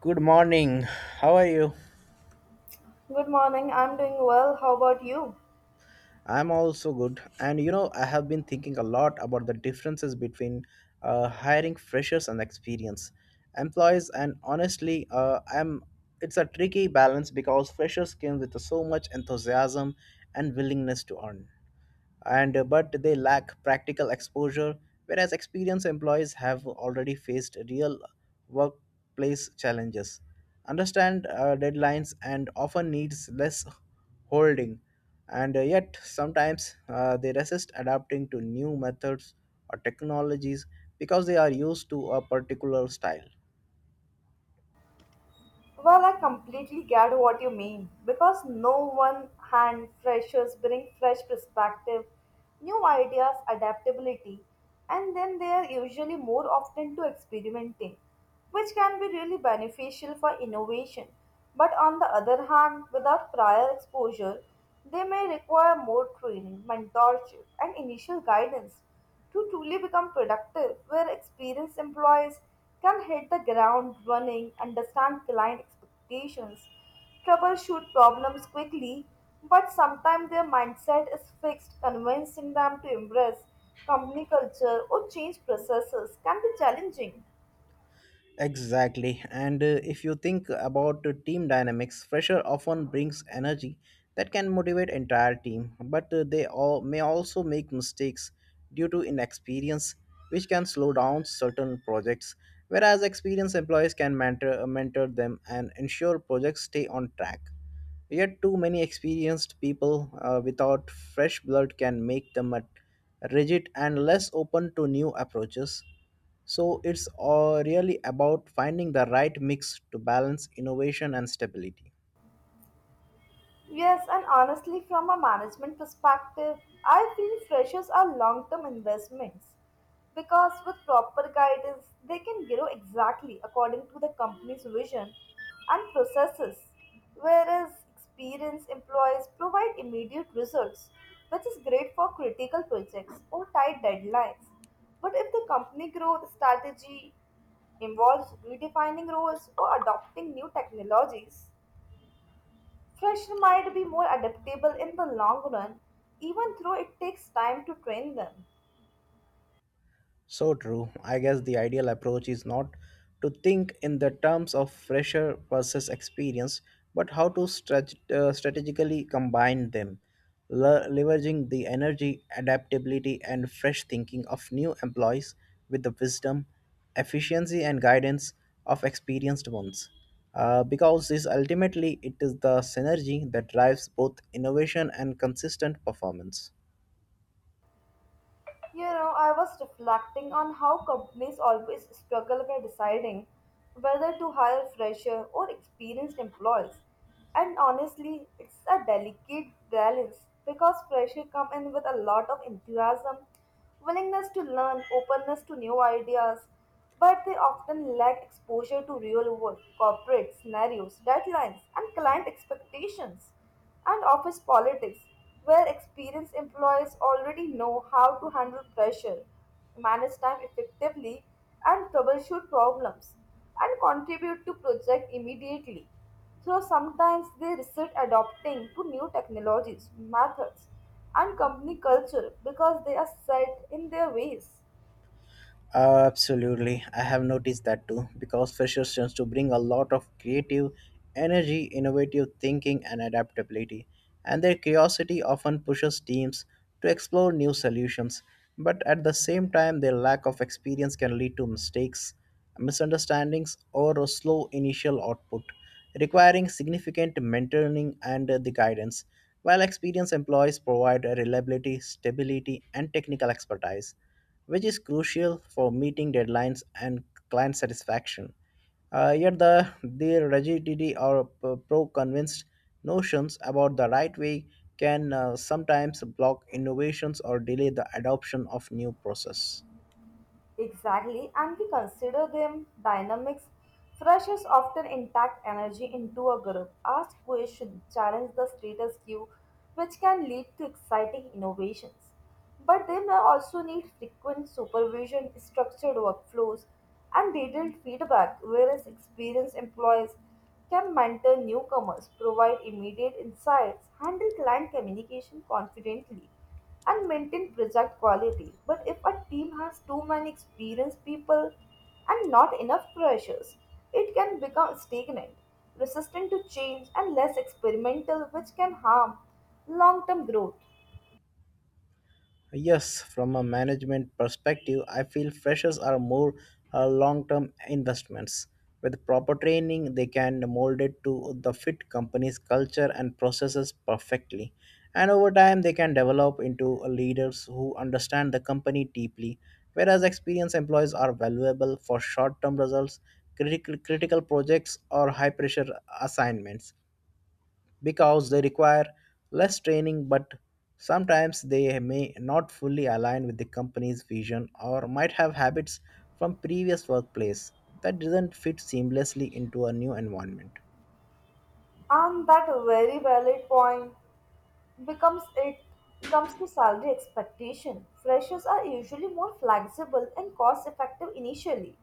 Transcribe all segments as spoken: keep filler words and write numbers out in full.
Good morning. How are you? Good morning, I'm doing well. How about you? I'm also good. And you know, I have been thinking a lot about the differences between uh, hiring freshers and experienced employees. And honestly, uh, I'm it's a tricky balance because freshers came with so much enthusiasm and willingness to earn, and uh, but they lack practical exposure, whereas experienced employees have already faced real workplace challenges, understand uh, deadlines, and often needs less holding, and uh, yet sometimes uh, they resist adapting to new methods or technologies because they are used to a particular style. Well, I completely get what you mean because no one hand freshers bring fresh perspective, new ideas, adaptability, and then they are usually more often to experimenting, which can be really beneficial for innovation. But on the other hand, without prior exposure, they may require more training, mentorship, and initial guidance to truly become productive, where experienced employees can hit the ground running, understand client expectations, troubleshoot problems quickly, but sometimes their mindset is fixed, convincing them to embrace company culture or change processes can be challenging. Exactly. And uh, if you think about uh, team dynamics, pressure often brings energy that can motivate entire team, but uh, they all may also make mistakes due to inexperience, which can slow down certain projects. Whereas experienced employees can mentor, mentor them and ensure projects stay on track. Yet, too many experienced people uh, without fresh blood can make them at- rigid and less open to new approaches. So, it's all really about finding the right mix to balance innovation and stability. Yes, and honestly, from a management perspective, I feel freshers are long term investments because with proper guidance, they can grow exactly according to the company's vision and processes, whereas experienced employees provide immediate results, which is great for critical projects or tight deadlines. But if the company growth strategy involves redefining roles or adopting new technologies, freshmen might be more adaptable in the long run, even though it takes time to train them. So true. I guess the ideal approach is not to think in the terms of fresher versus experience, but how to strat- uh, strategically combine them, le- leveraging the energy, adaptability, and fresh thinking of new employees with the wisdom, efficiency, and guidance of experienced ones. Uh, because this ultimately it is the synergy that drives both innovation and consistent performance. You know, I was reflecting on how companies always struggle by deciding whether to hire fresher or experienced employees. And honestly, it's a delicate balance because fresher come in with a lot of enthusiasm, willingness to learn, openness to new ideas, but they often lack exposure to real world, corporate scenarios, deadlines, and client expectations and office politics, where experienced employees already know how to handle pressure, manage time effectively, and troubleshoot problems, and contribute to project immediately. So sometimes they resist adopting to new technologies, methods, and company culture because they are set in their ways. Absolutely. I have noticed that too because freshers tends to bring a lot of creative energy, innovative thinking, and adaptability. And their curiosity often pushes teams to explore new solutions. But at the same time, their lack of experience can lead to mistakes, misunderstandings, or a slow initial output, requiring significant mentoring and the guidance. While experienced employees provide reliability, stability, and technical expertise, which is crucial for meeting deadlines and client satisfaction. Uh, yet the their rigidity or p- pro-convinced notions about the right way can uh, sometimes block innovations or delay the adoption of new process. Exactly, and we consider them dynamics. Freshers often intact energy into a group, ask questions, challenge the status quo, which can lead to exciting innovations. But they may also need frequent supervision, structured workflows, and detailed feedback, whereas experienced employees can mentor newcomers, provide immediate insights, handle client communication confidently and maintain project quality. But if a team has too many experienced people and not enough freshers, it can become stagnant, resistant to change, and less experimental, which can harm long term growth. Yes, from a management perspective, I feel freshers are more uh, long-term investments. With proper training, they can mold it to the fit company's culture and processes perfectly. And over time, they can develop into leaders who understand the company deeply. Whereas experienced employees are valuable for short-term results, critical critical projects, or high-pressure assignments because they require less training, but sometimes they may not fully align with the company's vision or might have habits from previous workplace that doesn't fit seamlessly into a new environment. And that very valid point. Becomes it comes to salary expectation. Freshers are usually more flexible and cost effective initially,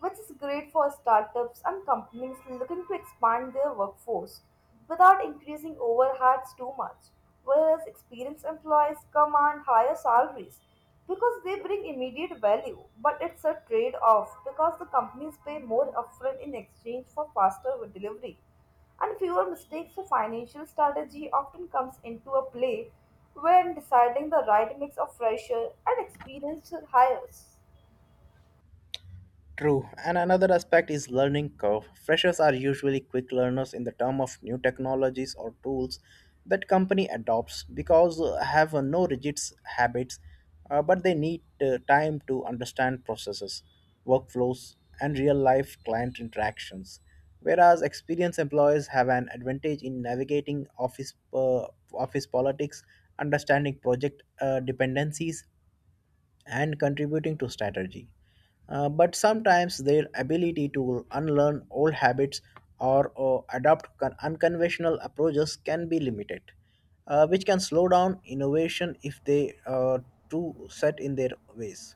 which is great for startups and companies looking to expand their workforce without increasing overheads too much. Whereas experienced employees command higher salaries because they bring immediate value, but it's a trade off because the companies pay more upfront in exchange for faster delivery and fewer mistakes. So financial strategy often comes into a play when deciding the right mix of fresher and experienced hires. True, and another aspect is learning curve. Freshers are usually quick learners in the term of new technologies or tools that company adopts because uh, have uh, no rigid s- habits, uh, but they need uh, time to understand processes, workflows, and real-life client interactions. Whereas experienced employees have an advantage in navigating office uh, office politics, understanding project uh, dependencies, and contributing to strategy. Uh, but sometimes their ability to unlearn old habits or, or adopt con- unconventional approaches can be limited, uh, which can slow down innovation if they are too set in their ways.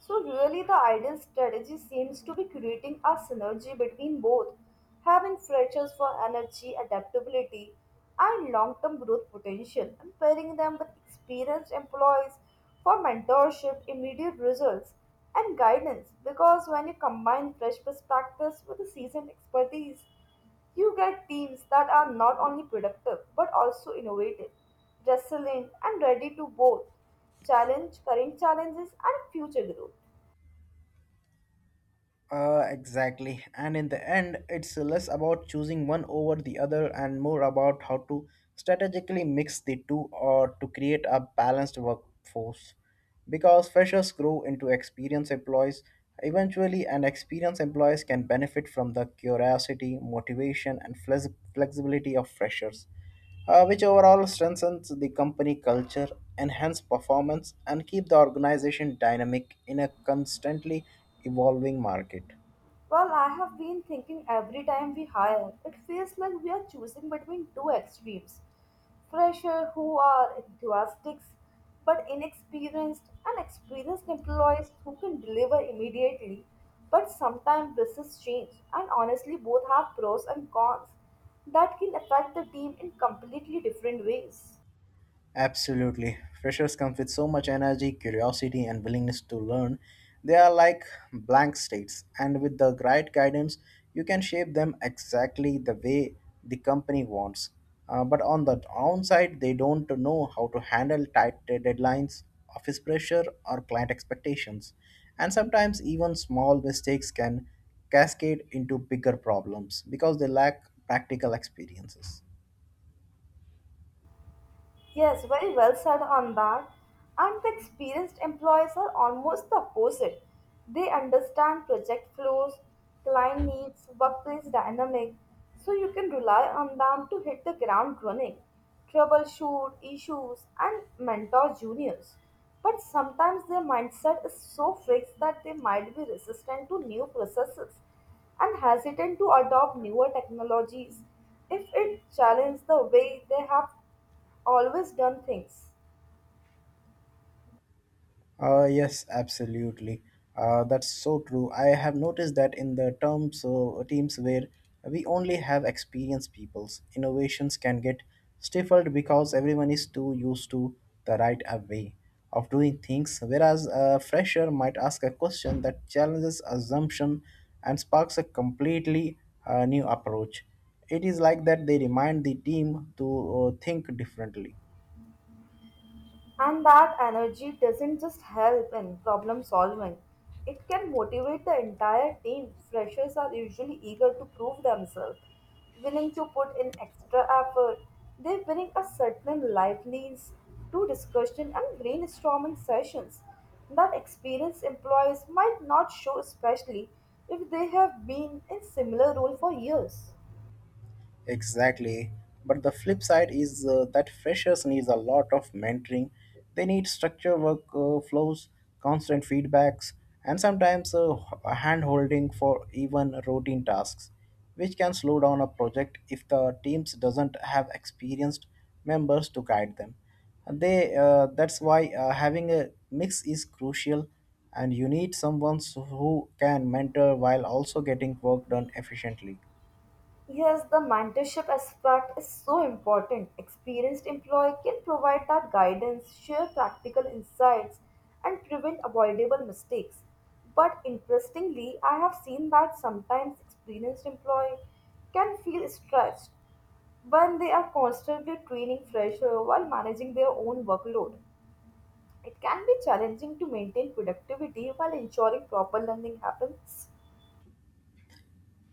So really the ideal strategy seems to be creating a synergy between both, having freshers for energy, adaptability, and long-term growth potential, and pairing them with experienced employees for mentorship, immediate results, and guidance. Because when you combine fresh perspectives with the seasoned expertise, you get teams that are not only productive but also innovative, resilient, and ready to both challenge current challenges and future growth. Uh, exactly. And in the end, it's less about choosing one over the other and more about how to strategically mix the two or to create a balanced workforce. Because freshers grow into experienced employees, eventually, and experienced employees can benefit from the curiosity, motivation, and flex- flexibility of freshers, uh, which overall strengthens the company culture, enhance performance, and keep the organization dynamic in a constantly evolving market. Well, I have been thinking every time we hire, it feels like we are choosing between two extremes. Freshers who are enthusiastic but inexperienced, and experienced employees who can deliver immediately. But sometimes business change, and honestly, both have pros and cons that can affect the team in completely different ways. Absolutely. Freshers come with so much energy, curiosity, and willingness to learn. They are like blank states, and with the right guidance, you can shape them exactly the way the company wants. Uh, but on the downside, they don't know how to handle tight deadlines, office pressure, or client expectations. And sometimes, even small mistakes can cascade into bigger problems because they lack practical experiences. Yes, very well said on that. And the experienced employees are almost the opposite. They understand project flows, client needs, workplace dynamics, so you can rely on them to hit the ground running, troubleshoot issues, and mentor juniors. But sometimes their mindset is so fixed that they might be resistant to new processes and hesitant to adopt newer technologies if it challenges the way they have always done things. Uh, yes, absolutely. Uh, that's so true. I have noticed that in the terms uh, teams where we only have experienced peoples, innovations can get stifled because everyone is too used to the right uh, way of doing things, whereas a fresher might ask a question that challenges assumption and sparks a completely uh, new approach. It is like that they remind the team to uh, think differently. And that energy doesn't just help in problem solving, it can motivate the entire team. Freshers are usually eager to prove themselves, willing to put in extra effort. They bring a certain liveliness to discussion and brainstorming sessions that experienced employees might not show, especially if they have been in similar role for years. Exactly. But the flip side is uh, that freshers needs a lot of mentoring. They need structured work uh, flows, constant feedbacks, and sometimes uh, hand holding for even routine tasks, which can slow down a project if the teams doesn't have experienced members to guide them. And They uh, That's why uh, having a mix is crucial, and you need someone who can mentor while also getting work done efficiently. Yes, the mentorship aspect is so important. Experienced employee can provide that guidance, share practical insights, and prevent avoidable mistakes. But interestingly, I have seen that sometimes experienced employee can feel stressed when they are constantly training fresher while managing their own workload. It can be challenging to maintain productivity while ensuring proper learning happens.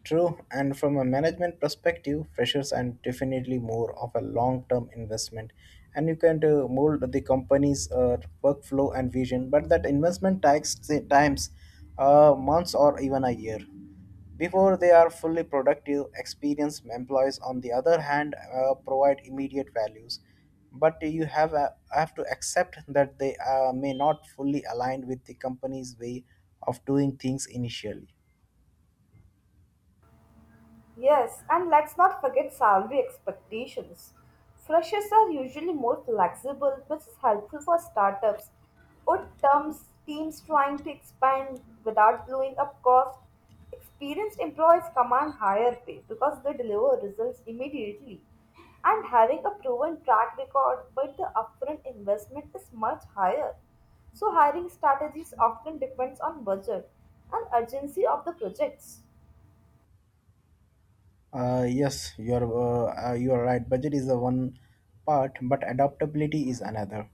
True, and from a management perspective, freshers are definitely more of a long term investment, and you can uh, mold the company's uh, workflow and vision, but that investment takes say, times, uh, months, or even a year. Before they are fully productive, experienced employees, on the other hand, uh, provide immediate values. But you have, uh, have to accept that they uh, may not fully align with the company's way of doing things initially. Yes, and let's not forget salary expectations. Freshers are usually more flexible, which is helpful for startups or terms, teams trying to expand without blowing up cost. Experienced employees command higher pay because they deliver results immediately. And having a proven track record, but the upfront investment is much higher. So hiring strategies often depends on budget and urgency of the projects. Uh, yes, you're uh, uh, you're right. Budget is the one part, but adaptability is another.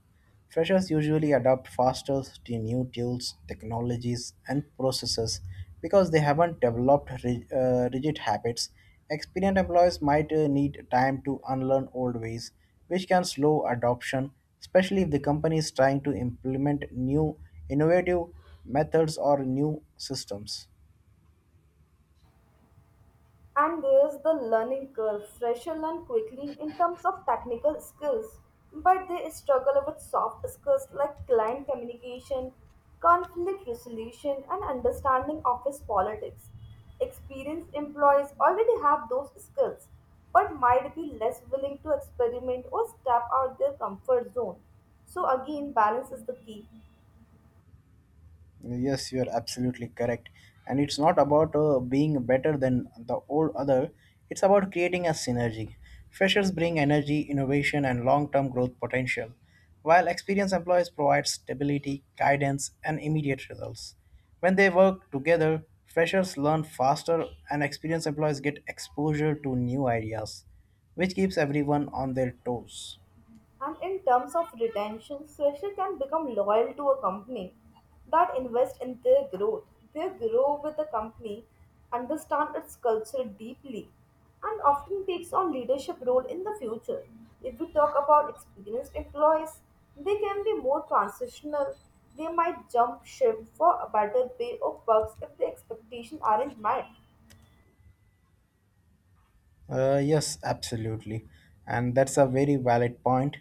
Freshers usually adapt faster to new tools, technologies, and processes because they haven't developed ri- uh, rigid habits. Experienced employees might uh, need time to unlearn old ways, which can slow adoption, especially if the company is trying to implement new innovative methods or new systems. And there's the learning curve. Freshers learn quickly in terms of technical skills, but they struggle with soft skills like client communication, conflict resolution, and understanding office politics. Experienced employees already have those skills, but might be less willing to experiment or step out their comfort zone. So, again, balance is the key. Yes, you are absolutely correct. And it's not about uh, being better than the old other, it's about creating a synergy. Freshers bring energy, innovation, and long term growth potential, while experienced employees provide stability, guidance, and immediate results. When they work together, freshers learn faster, and experienced employees get exposure to new ideas, which keeps everyone on their toes. And in terms of retention, freshers can become loyal to a company that invests in their growth. They grow with the company, understand its culture deeply, and often takes on leadership role in the future. If we talk about experienced employees, they can be more transitional. They might jump ship for a better pay or perks if the expectations aren't met. Uh, yes, absolutely. And that's a very valid point.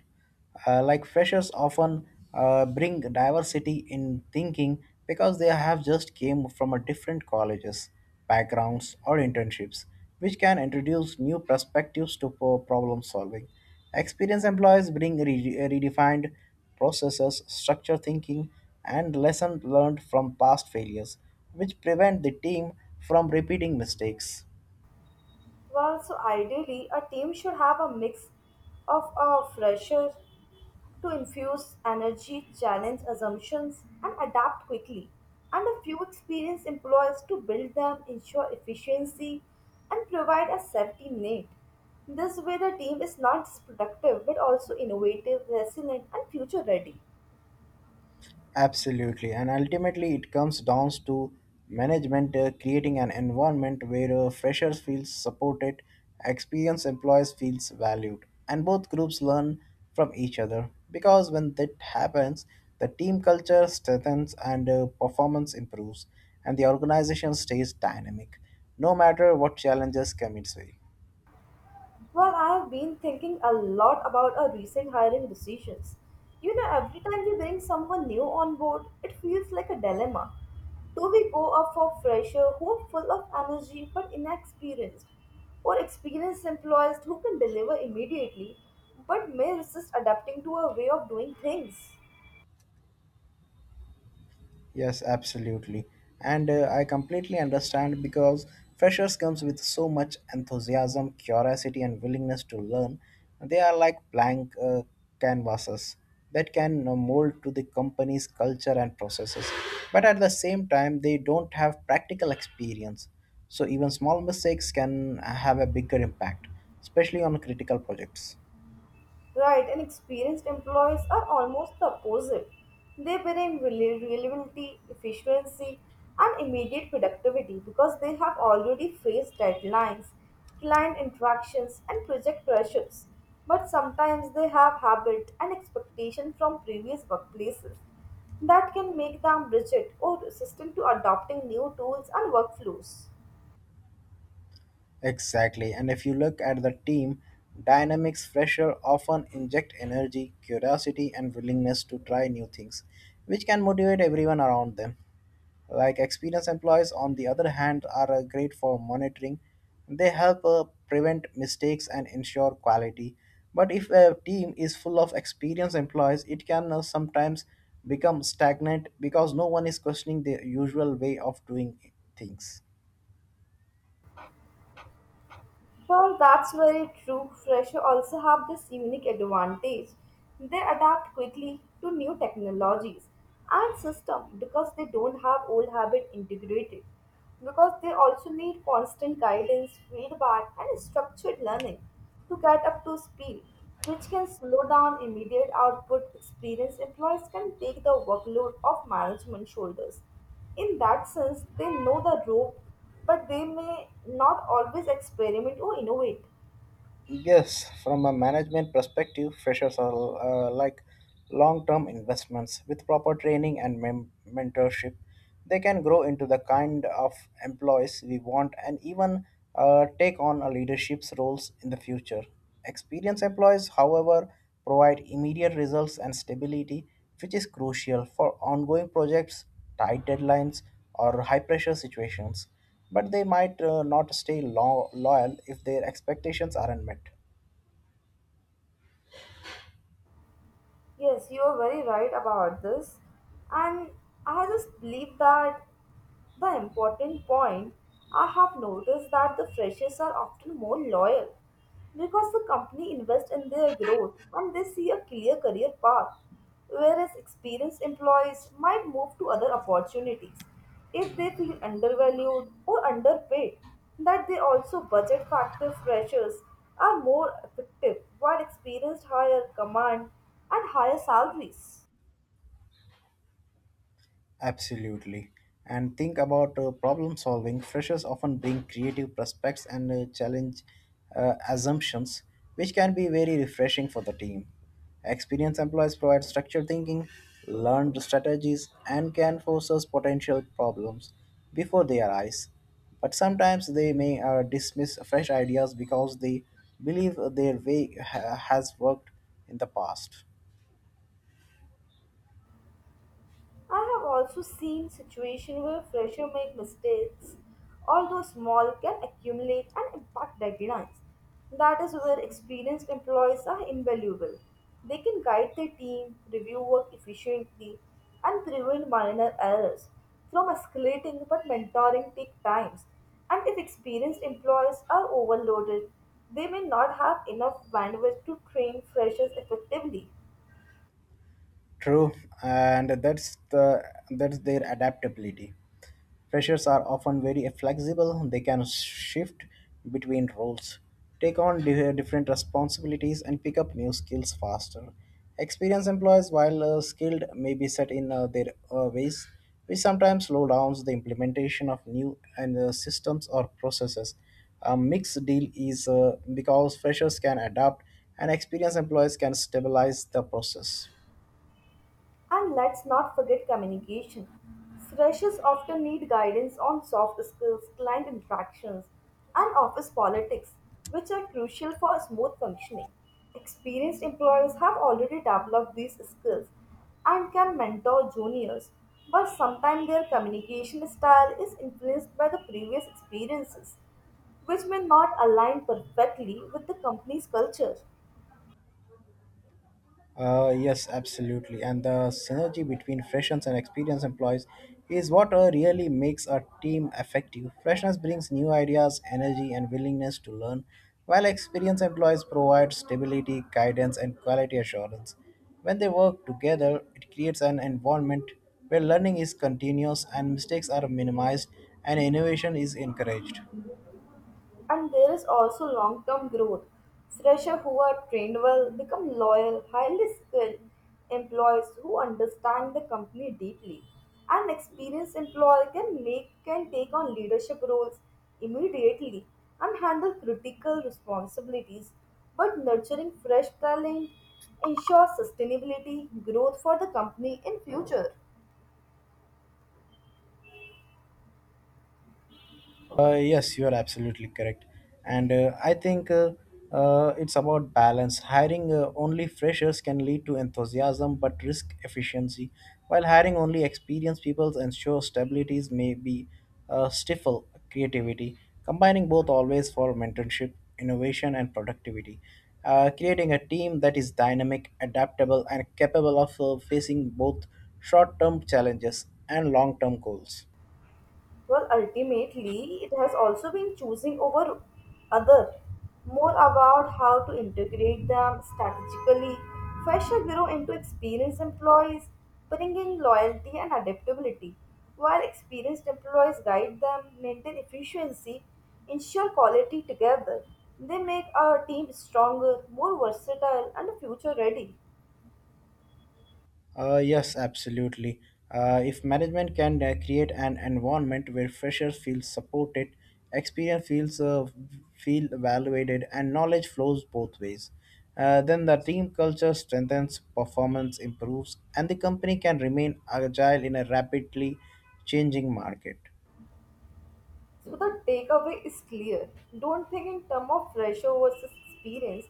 Uh, like freshers often uh, bring diversity in thinking because they have just came from a different colleges, backgrounds or internships, which can introduce new perspectives to pro- problem solving. Experienced employees bring re- redefined processes, structure thinking, and lessons learned from past failures, which prevent the team from repeating mistakes. Well, so ideally, a team should have a mix of a fresher to infuse energy, challenge assumptions, and adapt quickly, and a few experienced employees to build them, ensure efficiency, and provide a safety net. This way, the team is not just productive but also innovative, resilient, and future ready. Absolutely. And ultimately, it comes down to management uh, creating an environment where uh, freshers feel supported, experienced employees feels valued, and both groups learn from each other. Because when that happens, the team culture strengthens and uh, performance improves, and the organization stays dynamic, no matter what challenges come its way. Well, I have been thinking a lot about our recent hiring decisions. You know, every time we bring someone new on board, it feels like a dilemma. Do we go up for fresher who are full of energy but inexperienced, or experienced employees who can deliver immediately but may resist adapting to a way of doing things? Yes, absolutely. And uh, I completely understand because freshers comes with so much enthusiasm, curiosity and willingness to learn. They are like blank uh, canvases that can uh, mold to the company's culture and processes. But at the same time, they don't have practical experience. So even small mistakes can have a bigger impact, especially on critical projects. Right, and experienced employees are almost the opposite. They bring rele- relevancy, efficiency, and immediate productivity because they have already faced deadlines, client interactions, and project pressures. But sometimes they have habit and expectation from previous workplaces that can make them rigid or resistant to adopting new tools and workflows. Exactly. And if you look at the team, dynamics fresher often inject energy, curiosity, and willingness to try new things, which can motivate everyone around them. Like experienced employees, on the other hand, are uh, great for monitoring. They help uh, prevent mistakes and ensure quality. But if a team is full of experienced employees, it can uh, sometimes become stagnant because no one is questioning the usual way of doing things. Well, that's very true. Freshers also have this unique advantage. They adapt quickly to new technologies and systems because they don't have old habit integrated. Because they also need constant guidance, feedback, and structured learning to get up to speed, which can slow down immediate output. Experienced employees can take the workload of management shoulders. In that sense, they know the rope but they may not always experiment or innovate. Yes, from a management perspective, freshers are uh, like long term investments. With proper training and mem- mentorship, they can grow into the kind of employees we want and even uh, take on a leadership's roles in the future. Experienced employees, however, provide immediate results and stability, which is crucial for ongoing projects, tight deadlines, or high pressure situations, but they might uh, not stay lo- loyal if their expectations aren't met. Yes, you are very right about this. And I just believe that the important point, I have noticed that the freshers are often more loyal because the company invests in their growth and they see a clear career path, whereas experienced employees might move to other opportunities if they feel undervalued or underpaid. That they also budget factor freshers are more effective while experienced hire command and higher salaries. Absolutely. And think about uh, problem solving. Freshers often bring creative prospects and uh, challenge uh, assumptions, which can be very refreshing for the team. Experienced employees provide structured thinking, learned strategies, and can forecast potential problems before they arise. But sometimes they may uh, dismiss fresh ideas because they believe their way ha- has worked in the past. I have also seen situations where freshers make mistakes, although small, can accumulate and impact deadlines. That is where experienced employees are invaluable. They can guide their team, review work efficiently, and prevent minor errors from escalating. But mentoring takes time, and if experienced employees are overloaded, they may not have enough bandwidth to train freshers effectively. True, and that's the that's their adaptability. Freshers are often very flexible. They can shift between roles, take on di- different responsibilities, and pick up new skills faster. Experienced employees, while uh, skilled, may be set in uh, their uh, ways, which sometimes slow downs the implementation of new and uh, systems or processes. A mixed deal is uh, because freshers can adapt, and experienced employees can stabilize the process. And let's not forget communication. Freshers often need guidance on soft skills, client interactions, and office politics, which are crucial for smooth functioning. Experienced employees have already developed these skills and can mentor juniors, but sometimes their communication style is influenced by the previous experiences, which may not align perfectly with the company's culture. Uh, yes, absolutely. And the synergy between freshers and experienced employees is what uh, really makes a team effective. Freshness brings new ideas, energy, and willingness to learn, while experienced employees provide stability, guidance, and quality assurance. When they work together, it creates an environment where learning is continuous and mistakes are minimized and innovation is encouraged. And there is also long term growth. Freshers who are trained well become loyal, highly skilled employees who understand the company deeply. An experienced employee can make can take on leadership roles immediately and handle critical responsibilities. But nurturing fresh talent ensures sustainability growth for the company in future. Uh, yes, you are absolutely correct. And uh, I think uh, uh, it's about balance. Hiring uh, only freshers can lead to enthusiasm but risk efficiency, while hiring only experienced people ensures stabilities may be uh, stifle creativity. Combining both always for mentorship, innovation, and productivity. Uh, creating a team that is dynamic, adaptable, and capable of uh, facing both short term challenges and long term goals. Well, ultimately, it has also been choosing over other, more about how to integrate them strategically. Fresher grow into experienced employees, bringing loyalty and adaptability, while experienced employees guide them, maintain efficiency, ensure quality together. They make our team stronger, more versatile, and future ready. Uh, yes, absolutely. Uh, if management can uh, create an environment where freshers feel supported, experience feels uh, feel evaluated, and knowledge flows both ways, uh, then the team culture strengthens, performance improves, and the company can remain agile in a rapidly changing market. So the takeaway is clear. Don't think in terms of pressure versus experience.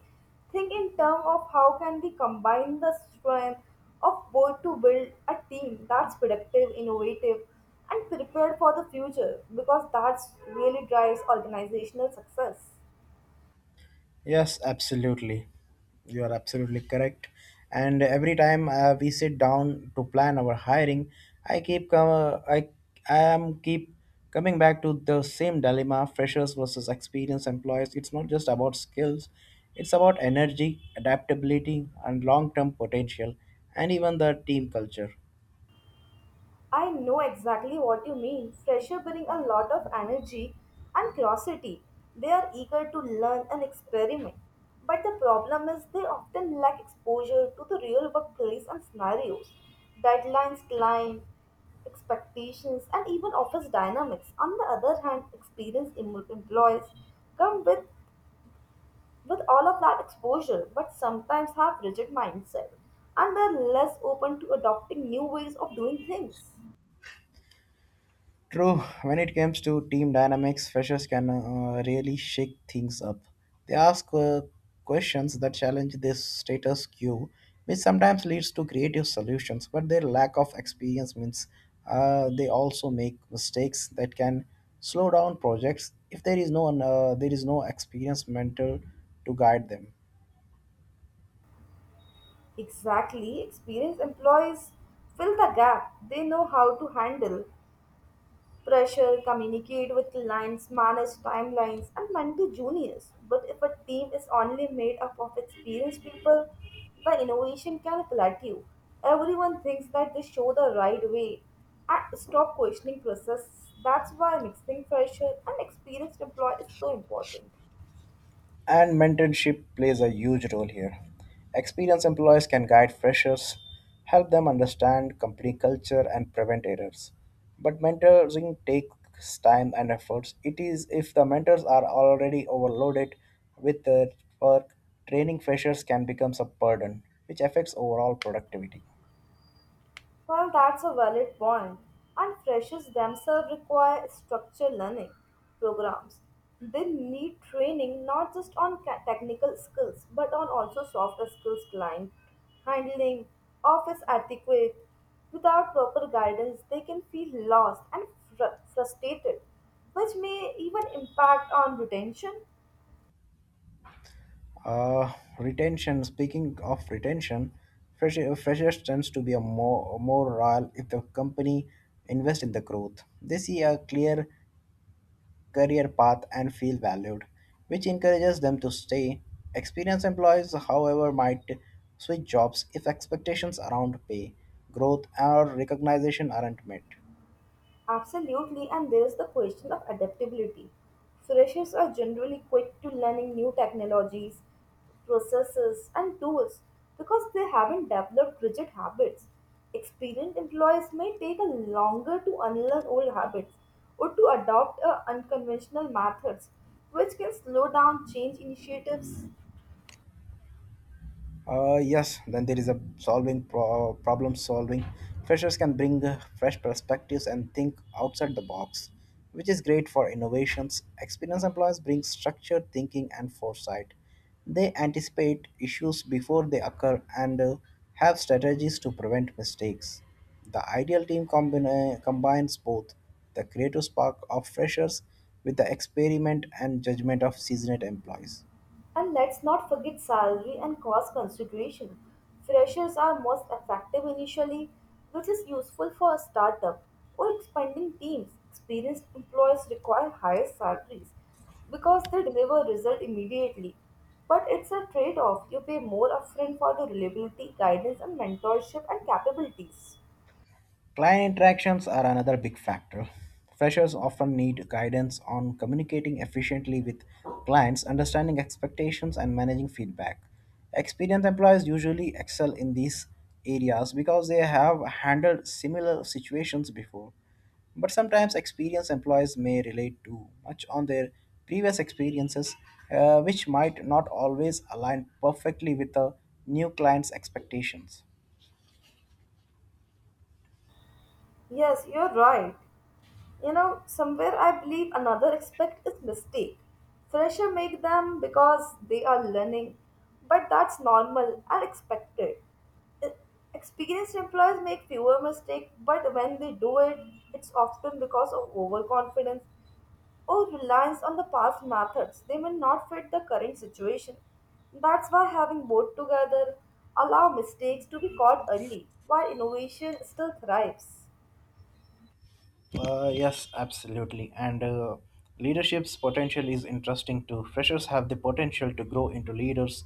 Think in terms of how can we combine the strength of both to build a team that's productive, innovative, and prepared for the future because that's really drives organizational success. Yes, absolutely. You are absolutely correct. And every time uh, we sit down to plan our hiring, I keep com- I I am keep coming back to the same dilemma: freshers versus experienced employees. It's not just about skills; it's about energy, adaptability, and long-term potential, and even the team culture. I know exactly what you mean. Freshers bring a lot of energy and curiosity. They are eager to learn and experiment. But the problem is they often lack exposure to the real workplace and scenarios. Deadlines, client expectations, and even office dynamics. On the other hand, experienced em- employees come with, with all of that exposure but sometimes have rigid mindset and are less open to adopting new ways of doing things. True, when it comes to team dynamics, freshers can uh, really shake things up. They ask uh, questions that challenge this status quo, which sometimes leads to creative solutions, but their lack of experience means uh, they also make mistakes that can slow down projects if there is no uh, there is no experienced mentor to guide them. Exactly, experienced employees fill the gap. They know how to handle pressure, communicate with clients, manage timelines, and mentor juniors. But if a team is only made up of experienced people, the innovation can plateau. Everyone thinks that they show the right way and stop questioning process. That's why mixing fresher and experienced employee is so important. And mentorship plays a huge role here. Experienced employees can guide freshers, help them understand company culture, and prevent errors. But mentoring takes time and efforts. It is if the mentors are already overloaded with their work, training freshers can become a burden, which affects overall productivity. Well, that's a valid point. And freshers themselves require structured learning programs. They need training not just on ca- technical skills but on also softer skills, client handling, office etiquette. Without proper guidance, they can feel lost and fr- frustrated, which may even impact on retention. Uh, Retention. Speaking of retention, fresh, freshers tends to be a more more loyal if the company invests in the growth. They see a clear career path and feel valued, which encourages them to stay. Experienced employees, however, might switch jobs if expectations around pay, growth, or recognition aren't met. Absolutely, and there is the question of adaptability. Freshers are generally quick to learning new technologies, processes, and tools because they haven't developed rigid habits. Experienced employees may take a longer to unlearn old habits or to adopt uh, unconventional methods, which can slow down change initiatives. Uh, yes, then there is a solving pro- problem solving. Freshers can bring uh, fresh perspectives and think outside the box, which is great for innovations. Experienced employees bring structured thinking and foresight. They anticipate issues before they occur and uh, have strategies to prevent mistakes. The ideal team combine combines both the creative spark of freshers with the experiment and judgment of seasoned employees. And let's not forget salary and cost consideration. Freshers are most effective initially, which is useful for a startup or expanding teams. Experienced employees require higher salaries because they deliver result immediately. But it's a trade-off. You pay more upfront for the reliability, guidance, and mentorship and capabilities. Client interactions are another big factor. Freshers often need guidance on communicating efficiently with clients, understanding expectations, and managing feedback. Experienced employees usually excel in these areas because they have handled similar situations before. But sometimes experienced employees may relate too much on their previous experiences, uh, which might not always align perfectly with the new client's expectations. Yes, you're right. You know somewhere I believe another aspect is mistake fresher make them because they are learning, but that's normal and expected. E- Experienced employees make fewer mistakes, but when they do it, it's often because of overconfidence or reliance on the past methods they may not fit the current situation. That's why having both together allow mistakes to be caught early while innovation still thrives. Uh, yes, absolutely. And uh, leadership's potential is interesting too. Freshers have the potential to grow into leaders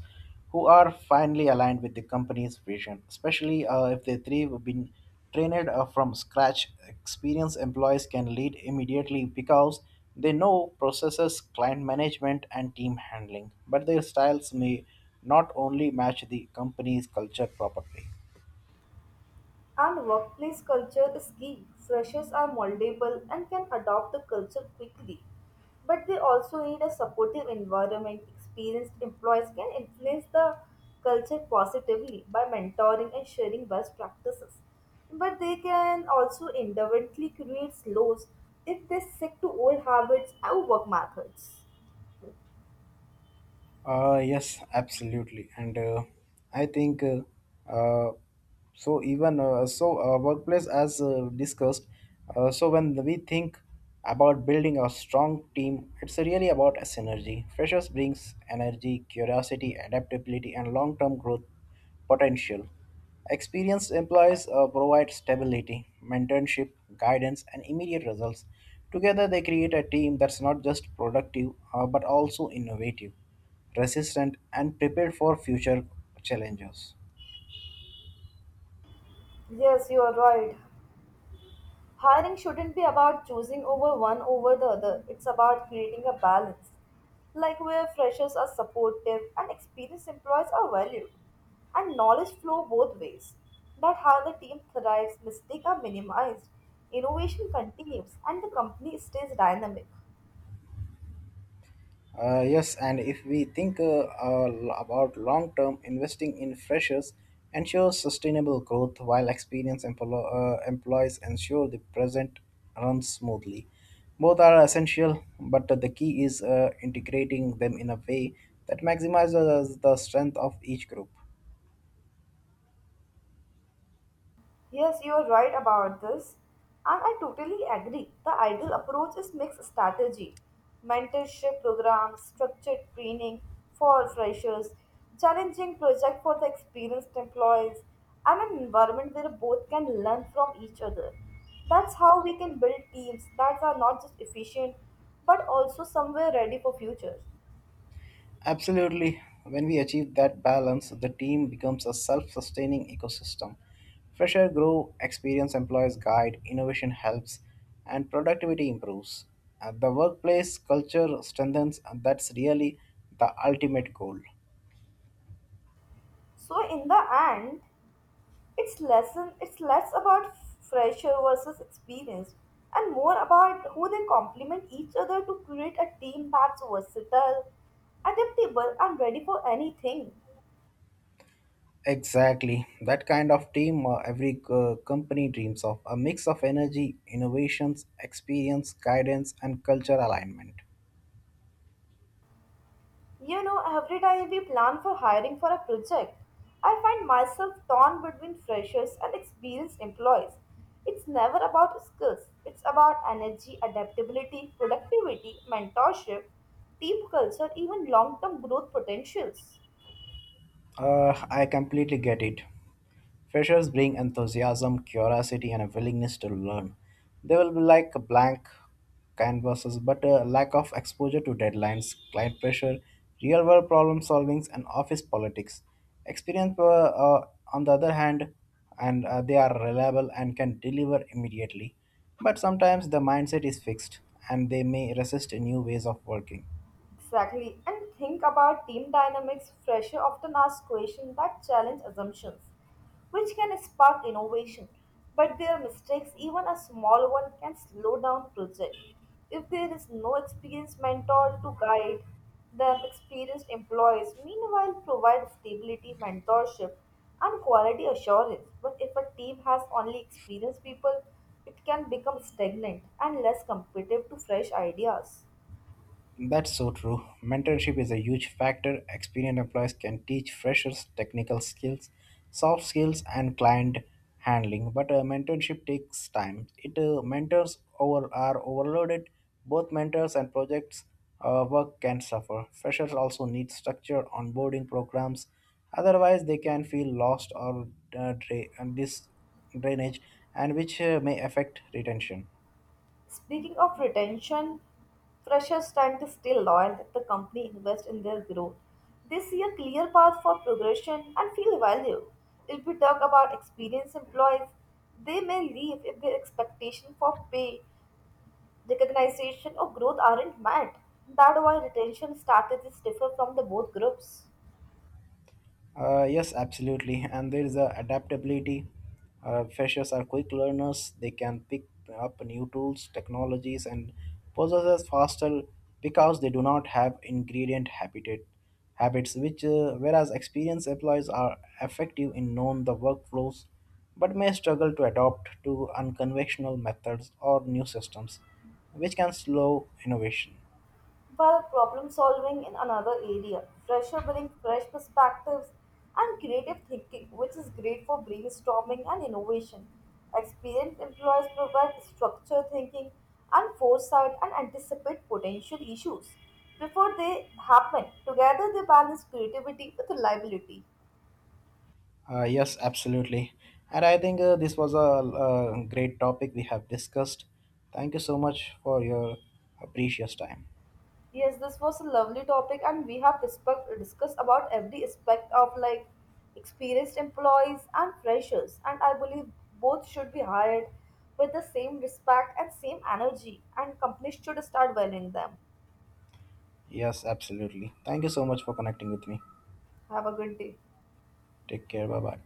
who are finally aligned with the company's vision, especially uh, if they three have been trained uh, from scratch. Experienced employees can lead immediately because they know processes, client management, and team handling, but their styles may not only match the company's culture properly. And workplace culture is key. Freshers are moldable and can adopt the culture quickly. But they also need a supportive environment. Experienced employees can influence the culture positively by mentoring and sharing best practices. But they can also indirectly create lows if they stick to old habits and work methods. Uh, yes, absolutely, and uh, I think uh, uh, so. Even uh, so, uh, workplace as uh, discussed. Uh, so when we think about building a strong team, it's really about a synergy. Freshers brings energy, curiosity, adaptability, and long-term growth potential. Experienced employees uh, provide stability, mentorship, guidance, and immediate results. Together, they create a team that's not just productive uh, but also innovative resistant and prepared for future challenges. Yes, you are right. Hiring shouldn't be about choosing over one over the other. It's about creating a balance, like where freshers are supportive and experienced employees are valued, and knowledge flow both ways. That how the team thrives, mistakes are minimized, innovation continues, and the company stays dynamic. Uh, yes, and if we think uh, uh, about long term, investing in freshers ensures sustainable growth while experienced emplo- uh, employees ensure the present runs smoothly. Both are essential, but the key is uh, integrating them in a way that maximizes the strength of each group. Yes, you are right about this, and I totally agree. The ideal approach is mixed strategy, mentorship programs, structured training for freshers, challenging project for the experienced employees, and an environment where both can learn from each other. That's how we can build teams that are not just efficient but also somewhere ready for future. Absolutely. When we achieve that balance, the team becomes a self sustaining ecosystem. Fresh air grow, experienced employees guide, innovation helps, and productivity improves. At the workplace, culture strengthens, and that's really the ultimate goal. So in the end, It's lesson it's less about fresher versus experienced and more about who they complement each other to create a team that's versatile, adaptable, and ready for anything. Exactly. That kind of team uh, every uh, company dreams of a mix of energy, innovations, experience, guidance, and culture alignment. You know, every time we plan for hiring for a project, I find myself torn between freshers and experienced employees. It's never about skills, it's about energy, adaptability, productivity, mentorship, team culture, even long term growth potentials. Uh, I completely get it. Freshers bring enthusiasm, curiosity, and a willingness to learn. They will be like blank canvases, but a lack of exposure to deadlines, client pressure, real world problem solvings, and office politics. Experience, uh, uh, on the other hand, and uh, they are reliable and can deliver immediately. But sometimes the mindset is fixed and they may resist new ways of working. Exactly. And think about team dynamics. Fresher often ask questions that challenge assumptions, which can spark innovation. But their mistakes, even a small one, can slow down project. If there is no experienced mentor to guide them, experienced employees meanwhile provide stability, mentorship, and quality assurance. But if a team has only experienced people, it can become stagnant and less competitive to fresh ideas. That's so true. Mentorship is a huge factor. Experienced employees can teach freshers technical skills, soft skills, and client handling. But uh, mentorship takes time. It uh, mentors over are overloaded. Both mentors and projects uh, work can suffer. Freshers also need structured onboarding programs. Otherwise, they can feel lost or uh, dra- and this drainage, and which uh, may affect retention. Speaking of retention, freshers tend to stay loyal if the company invests in their growth. They see a clear path for progression and feel valued. If we talk about experienced employees, they may leave if their expectation for pay, recognition, or growth aren't met. That's why retention strategies differ from the both groups. Uh, yes, absolutely. And there is a adaptability. Uh, freshers are quick learners. They can pick up new tools, technologies, and processes faster because they do not have ingredient habitat habits. Which, uh, whereas experienced employees are effective in known the workflows, but may struggle to adopt to unconventional methods or new systems, which can slow innovation. While problem solving in another area, fresher bring fresh perspectives, and creative thinking, which is great for brainstorming and innovation. Experienced employees provide structure thinking and foresight and anticipate potential issues before they happen. Together, they balance creativity with reliability. Uh, yes, absolutely. And I think uh, this was a, uh great topic we have discussed. Thank you so much for your uh, precious time. Yes, this was a lovely topic, and we have discussed discussed about every aspect of like experienced employees and freshers, and I believe both should be hired with the same respect and same energy, and companies should start valuing them. Yes, absolutely. Thank you so much for connecting with me. Have a good day. Take care. Bye bye.